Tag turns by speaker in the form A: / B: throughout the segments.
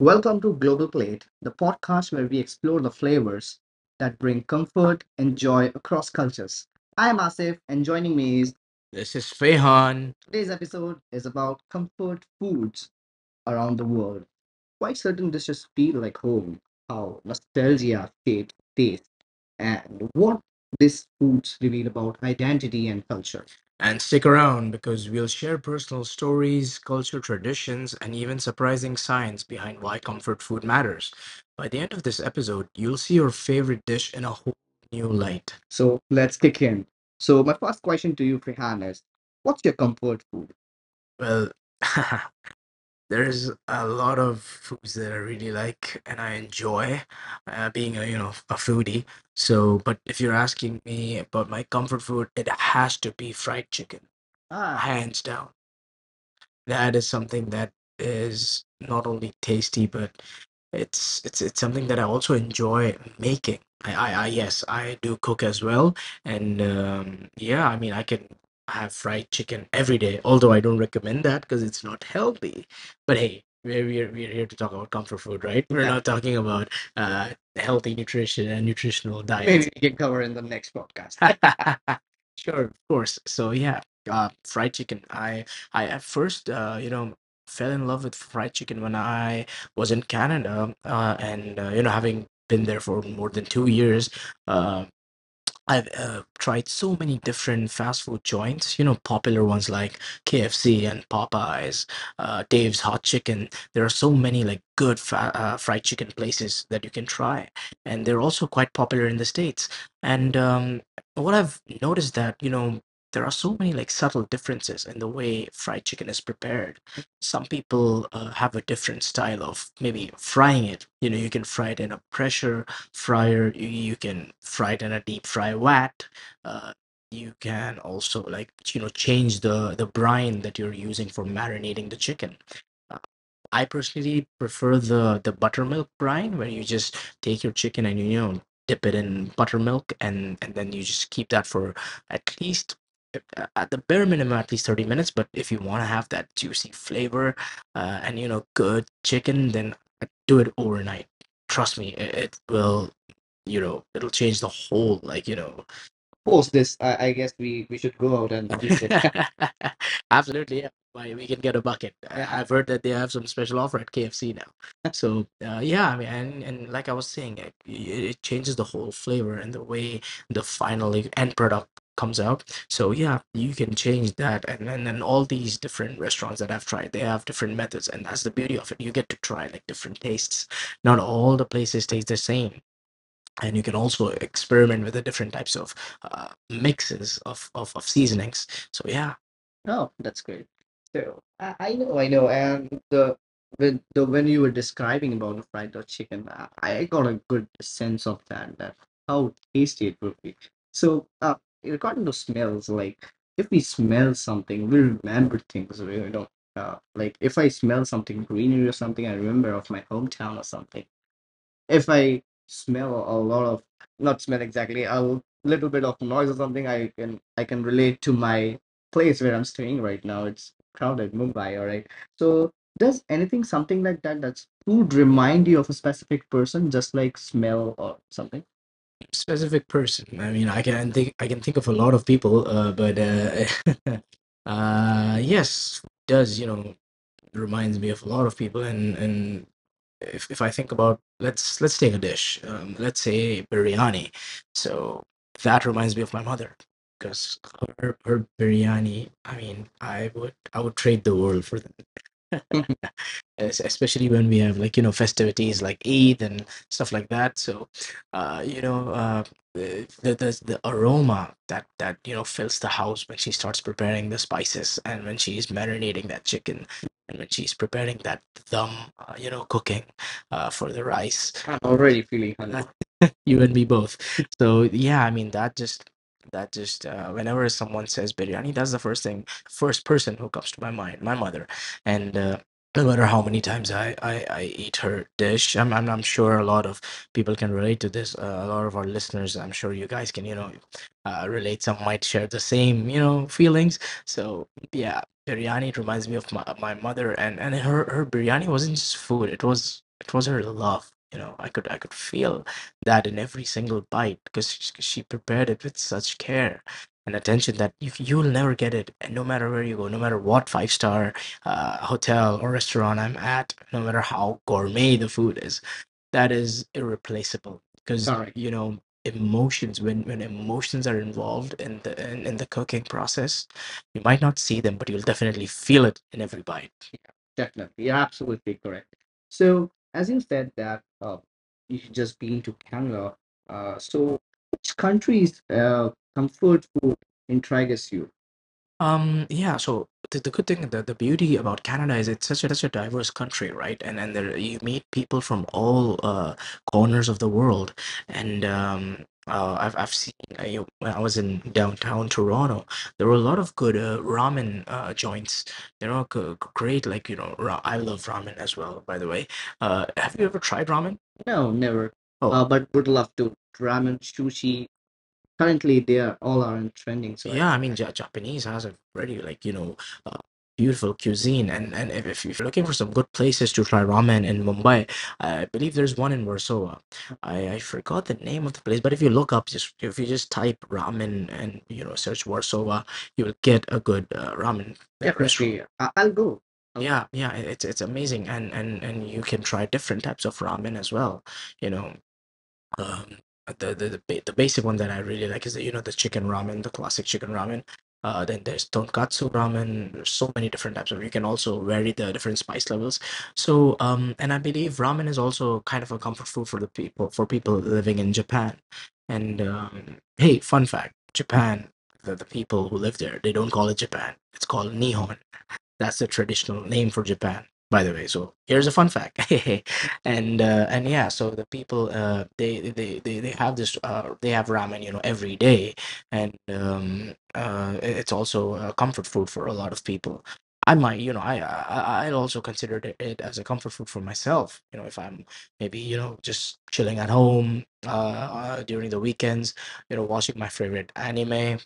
A: Welcome to Global Plate, the podcast where we explore the flavors that bring comfort and joy across cultures. I am Asif, and joining me is This is Fehan. Today's episode is about comfort foods around the world, quite certain this just feel like home, how nostalgia shapes taste, and what these foods reveal about identity and culture. And stick around because we'll share personal stories, culture traditions, and even surprising science behind why comfort food matters. By the end of this episode, you'll see your favorite dish in a whole new light. So let's kick in. So my first question to you, Frihan, is what's your comfort food? Well, there's a lot of foods that I really like and I enjoy, being a a foodie. But if you're asking me about my comfort food, it has to be fried chicken. Ah, hands down. That is something that is not only tasty, but it's something that I also enjoy making. I yes, I do cook as well, and yeah, I mean I can have fried chicken every day. Although I don't recommend that because it's not healthy. But hey, we're here to talk about comfort food, right? We're Yeah, not talking about uh, healthy nutrition and nutritional diets. Maybe we can cover in the next podcast. Sure, of course. So yeah, fried chicken. I at first, fell in love with fried chicken when I was in Canada, having been there for more than 2 years. uh, I've tried so many different fast food joints, you know, popular ones like KFC and Popeyes, Dave's Hot Chicken. There are so many like good fried chicken places that you can try, and they're also quite popular in the States. And what I've noticed that, you know, there are so many like subtle differences in the way fried chicken is prepared. Some people have a different style of maybe frying it. You know, you can fry it in a pressure fryer, you can fry it in a deep fry vat. uh, you can also like you know change the brine that you're using for marinating the chicken. Uh, I personally prefer the buttermilk brine, where you just take your chicken and you know dip it in buttermilk, and then you just keep that for at least at the bare minimum at least 30 minutes. But if you want to have that juicy flavor, and you know good chicken, then do it overnight. Trust me, it will you know it'll change the whole like you know. Post this, I guess we should go out and do it. Absolutely, yeah. Why we can get a bucket. I've heard that they have some special offer at KFC now. So yeah, I mean, and like I was saying, it changes the whole flavor and the way the final end product comes out. So yeah, you can change that, and and all these different restaurants that I've tried, they have different methods, and that's the beauty of it. You get to try like different tastes. Not all the places taste the same, and you can also experiment with the different types of mixes of, of seasonings. So yeah. Oh, that's great. So I know, I know, and the when you were describing about the fried dog chicken, I got a good sense of that, that how tasty it would be. So regarding to smells, like if we smell something, we remember things. You know, like if I smell something greenery or something, I remember of my hometown or something. If I smell a lot of not smell exactly a little bit of noise or something, I can relate to my place where I'm staying right now. It's crowded, Mumbai. All right. So does anything something like that, that's food, remind you of a specific person, just like smell or something? Specific person. I mean, I can think of a lot of people, but yes, does you know reminds me of a lot of people, and if I think about let's take a dish, let's say biryani. So that reminds me of my mother, because her biryani, I mean I would I would trade the world for that, especially when we have like you know festivities like Eid and stuff like that. So, uh, you know, uh, the aroma that that you know fills the house when she starts preparing the spices, and when she's marinating that chicken, and when she's preparing that dum, cooking for the rice. I'm already feeling hungry. You and me both. So yeah, I mean that just, that just whenever someone says biryani, that's the first thing, first person who comes to my mind, my mother. And no matter how many times I eat her dish, I'm, I'm sure a lot of people can relate to this. A lot of our listeners, I'm sure you guys can, relate. Some might share the same, you know, feelings. So yeah, biryani, it reminds me of my, my mother, and her, her biryani wasn't just food. It was her love. You know, I could feel that in every single bite, because she prepared it with such care and attention that you, you'll never get it. And no matter where you go, no matter what five star hotel or restaurant I'm at, no matter how gourmet the food is, that is irreplaceable. Because correct, you know emotions, when emotions are involved in the cooking process, you might not see them, but you'll definitely feel it in every bite. Yeah, definitely. You're absolutely correct. So, as you said that you just been to Canada, so which country's comfort food intrigues you? Yeah, so the good thing, the beauty about Canada is it's such a diverse country, right? And there you meet people from all corners of the world. And I've seen when I was in downtown Toronto, there were a lot of good ramen joints. They're all great, like you know, ra I love ramen as well, by the way. Have you ever tried ramen? No, never. Oh. But would love to. Ramen, sushi, currently they are all are in trending. So I yeah, I mean, Ja Japanese has a very like you know uh, beautiful cuisine. And if you're looking for some good places to try ramen in Mumbai, I believe there's one in Warsaw. I forgot the name of the place, but if you look up, just if you just type ramen and you know search Warsaw, you will get a good ramen restaurant. Definitely I'll go. Yeah, yeah, it's amazing. And you can try different types of ramen as well, you know. um, the basic one that I really like is the, you know the chicken ramen, the classic chicken ramen. Then there's tonkatsu ramen. There's so many different types of. You can also vary the different spice levels. So, and I believe ramen is also kind of a comfort food for the people for people living in Japan. And hey, fun fact: Japan, the people who live there, they don't call it Japan. It's called Nihon, that's the traditional name for Japan, by the way. So here's a fun fact, and yeah, so the people they have this they have ramen, you know, every day, and it's also a comfort food for a lot of people. I might, you know, I also considered it it as a comfort food for myself. You know, if I'm maybe you know just chilling at home during the weekends, you know, watching my favorite anime,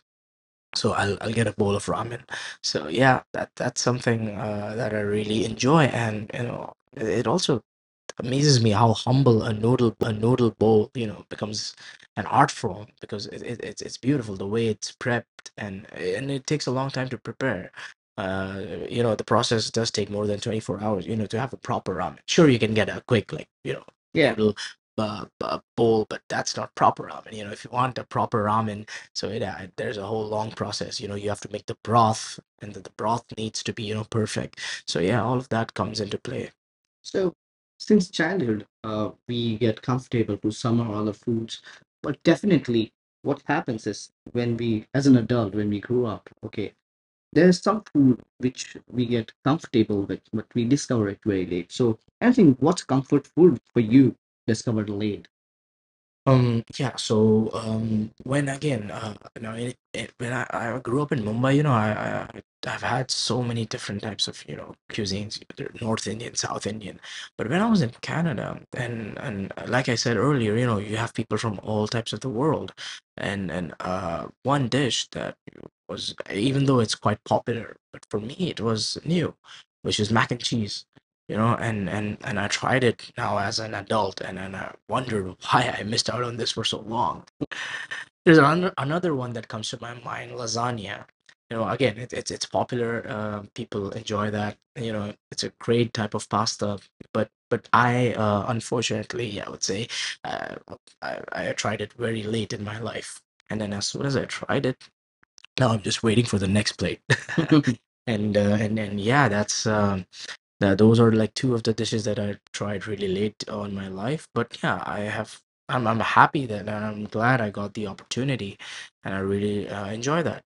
A: so I'll get a bowl of ramen. So yeah, that, that's something that I really enjoy. And you know, it also amazes me how humble a noodle bowl you know becomes an art form, because it's beautiful the way it's prepped. And it takes a long time to prepare, uh you know the process does take more than 24 hours you know to have a proper ramen. Sure, you can get a quick like you know, yeah, noodle bowl, but that's not proper ramen. You know, if you want a proper ramen, there's a whole long process. You know, you have to make the broth, and the broth needs to be, you know, perfect. So yeah, all of that comes into play. So, since childhood, we get comfortable to some or other foods, but definitely what happens is when we, as an adult, when we grew up, okay, there's some food which we get comfortable with, but we discover it very late. So, I think what's comfort food for you discovered late? Yeah, so when you know, when I grew up in Mumbai, you know, I I've had so many different types of, you know, cuisines, either North Indian, South Indian. But when I was in Canada, and like I said earlier, you know, you have people from all types of the world, and one dish that was, even though it's quite popular, but for me it was new, which is mac and cheese, you know, and I tried it now as an adult, and I wondered why I missed out on this for so long. There's another one that comes to my mind, lasagna, you know, again it's popular. People enjoy that, you know. It's a great type of pasta, but I unfortunately, I would say uh, I tried it very late in my life, and then as soon as I tried it, now I'm just waiting for the next plate. And yeah, that's now, those are like two of the dishes that I tried really late on my life. But yeah, I have. I'm happy that, and I'm glad I got the opportunity, and I really enjoy that.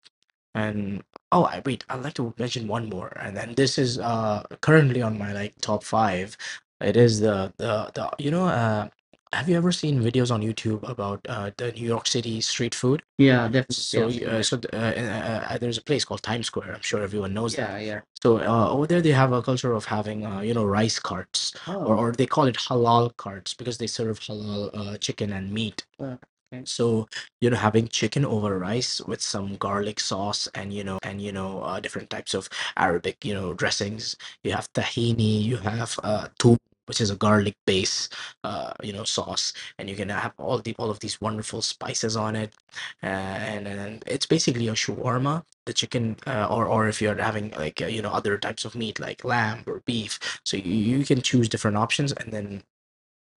A: And oh, I'd like to mention one more, and then this is currently on my like top five. It is the you know, have you ever seen videos on YouTube about the New York City street food? Yeah, definitely. Yeah. So there's a place called Times Square, I'm sure everyone knows that. Yeah, yeah. So over there, they have a culture of having, you know, rice carts, or, oh, or they call it halal carts because they serve halal chicken and meat. Uh, okay. So you know, having chicken over rice with some garlic sauce, and you know, different types of Arabic, you know, dressings. You have tahini, you have toum, which is a garlic base, you know, sauce, and you can have all of these wonderful spices on it. And it's basically a shawarma, the chicken, or or if you're having like, you know, other types of meat like lamb or beef, so you can choose different options, and then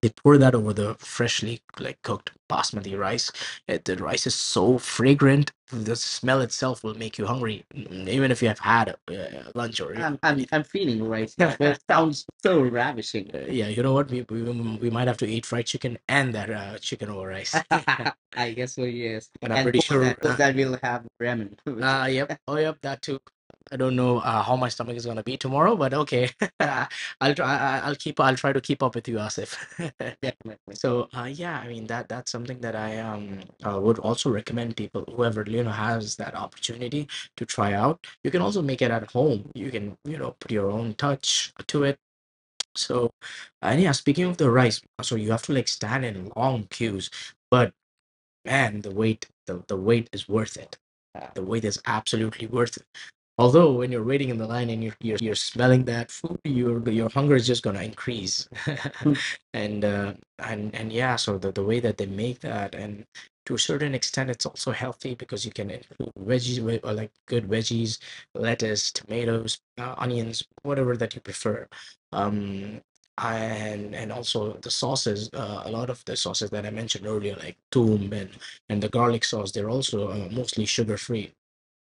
A: they pour that over the freshly like cooked basmati rice. The rice is so fragrant. The smell itself will make you hungry, even if you have had lunch. Or I'm feeling right now. Yeah. That sounds so ravishing. Yeah, you know what? We might have to eat fried chicken and that chicken over rice. I guess so, yes. And pretty post sure that, And post that, we'll have ramen. Yep, that too. I don't know how my stomach is gonna be tomorrow, but okay. I'll try. I- will keep. I'll try to keep up with you, Asif. Definitely. So, yeah, I mean that's something that I would also recommend people, whoever, you know, has that opportunity to try out. You can also make it at home. You can, you know, put your own touch to it. So, and yeah, speaking of the rice, so you have to like stand in long queues, but man, the wait is worth it. Yeah. The wait is absolutely worth it. Although when you're waiting in the line and you're smelling that food, your hunger is just gonna increase. and uh, and yeah. So the way that they make that, and to a certain extent, it's also healthy because you can include veggies, or like good veggies, lettuce, tomatoes, onions, whatever that you prefer. Um, and also the sauces, a lot of the sauces that I mentioned earlier, like toom and the garlic sauce, they're also mostly sugar free,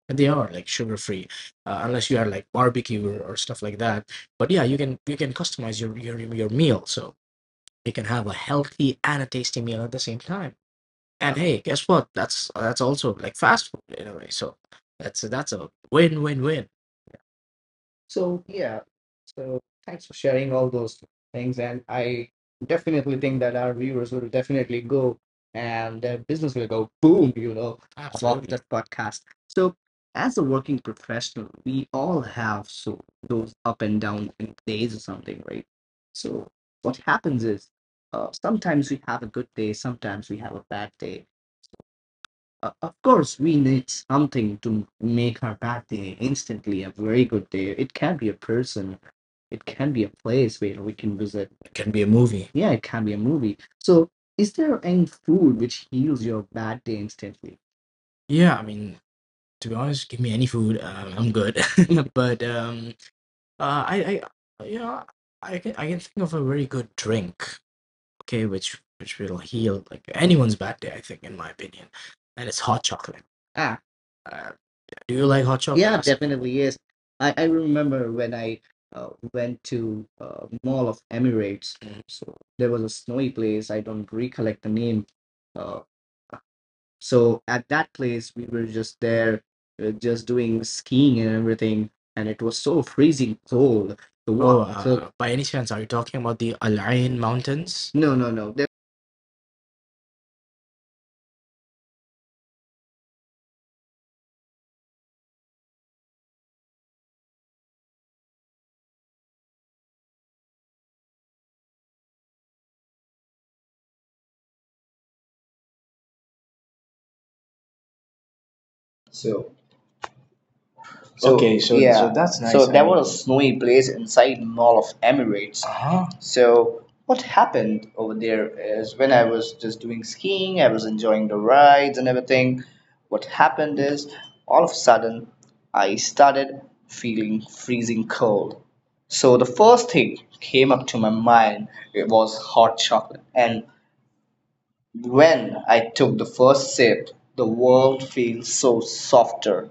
A: and they are like sugar free, unless you are like barbecue, or stuff like that. But yeah, you can customize your meal, so you can have a healthy and a tasty meal at the same time. And hey, guess what? That's also like fast food in a way, so that's a win-win-win. So yeah, so thanks for sharing all those things, and I definitely think that our viewers will definitely go and their business will go boom. You know, love— Absolutely. —that podcast. So as a working professional, we all have so those up and down in days or something, right? So what happens is, sometimes we have a good day, sometimes we have a bad day. Of course, we need something to make our bad day instantly a very good day. It can be a person, it can be a place where we can visit. It can be a movie. Yeah, it can be a movie. So, is there any food which heals your bad day instantly? Yeah, I mean, to be honest, give me any food, I'm good. But uh, I, you know, I can think of a very good drink, okay, which will heal like anyone's bad day, I think, in my opinion. And it's hot chocolate. Ah, Uh, do you like hot chocolate? Yeah, yes, definitely, yes. I remember when I went to Mall of Emirates. Mhm. So there was a snowy place. I don't recollect the name. Uh, so at that place, we were just there, just doing skiing and everything, and it was so freezing cold. The— Oh, water. So by any chance, are you talking about the Al Ain Mountains? No, no, no.
B: So, So, okay, so yeah. so that's nice. So was a snowy place inside Mall of Emirates. Uh-huh. So what happened over there is when I was just doing skiing, I was enjoying the rides and everything. What happened is all of a sudden I started feeling freezing cold. So the first thing came up to my mind it was hot chocolate. And when I took the first sip, the world feels so softer.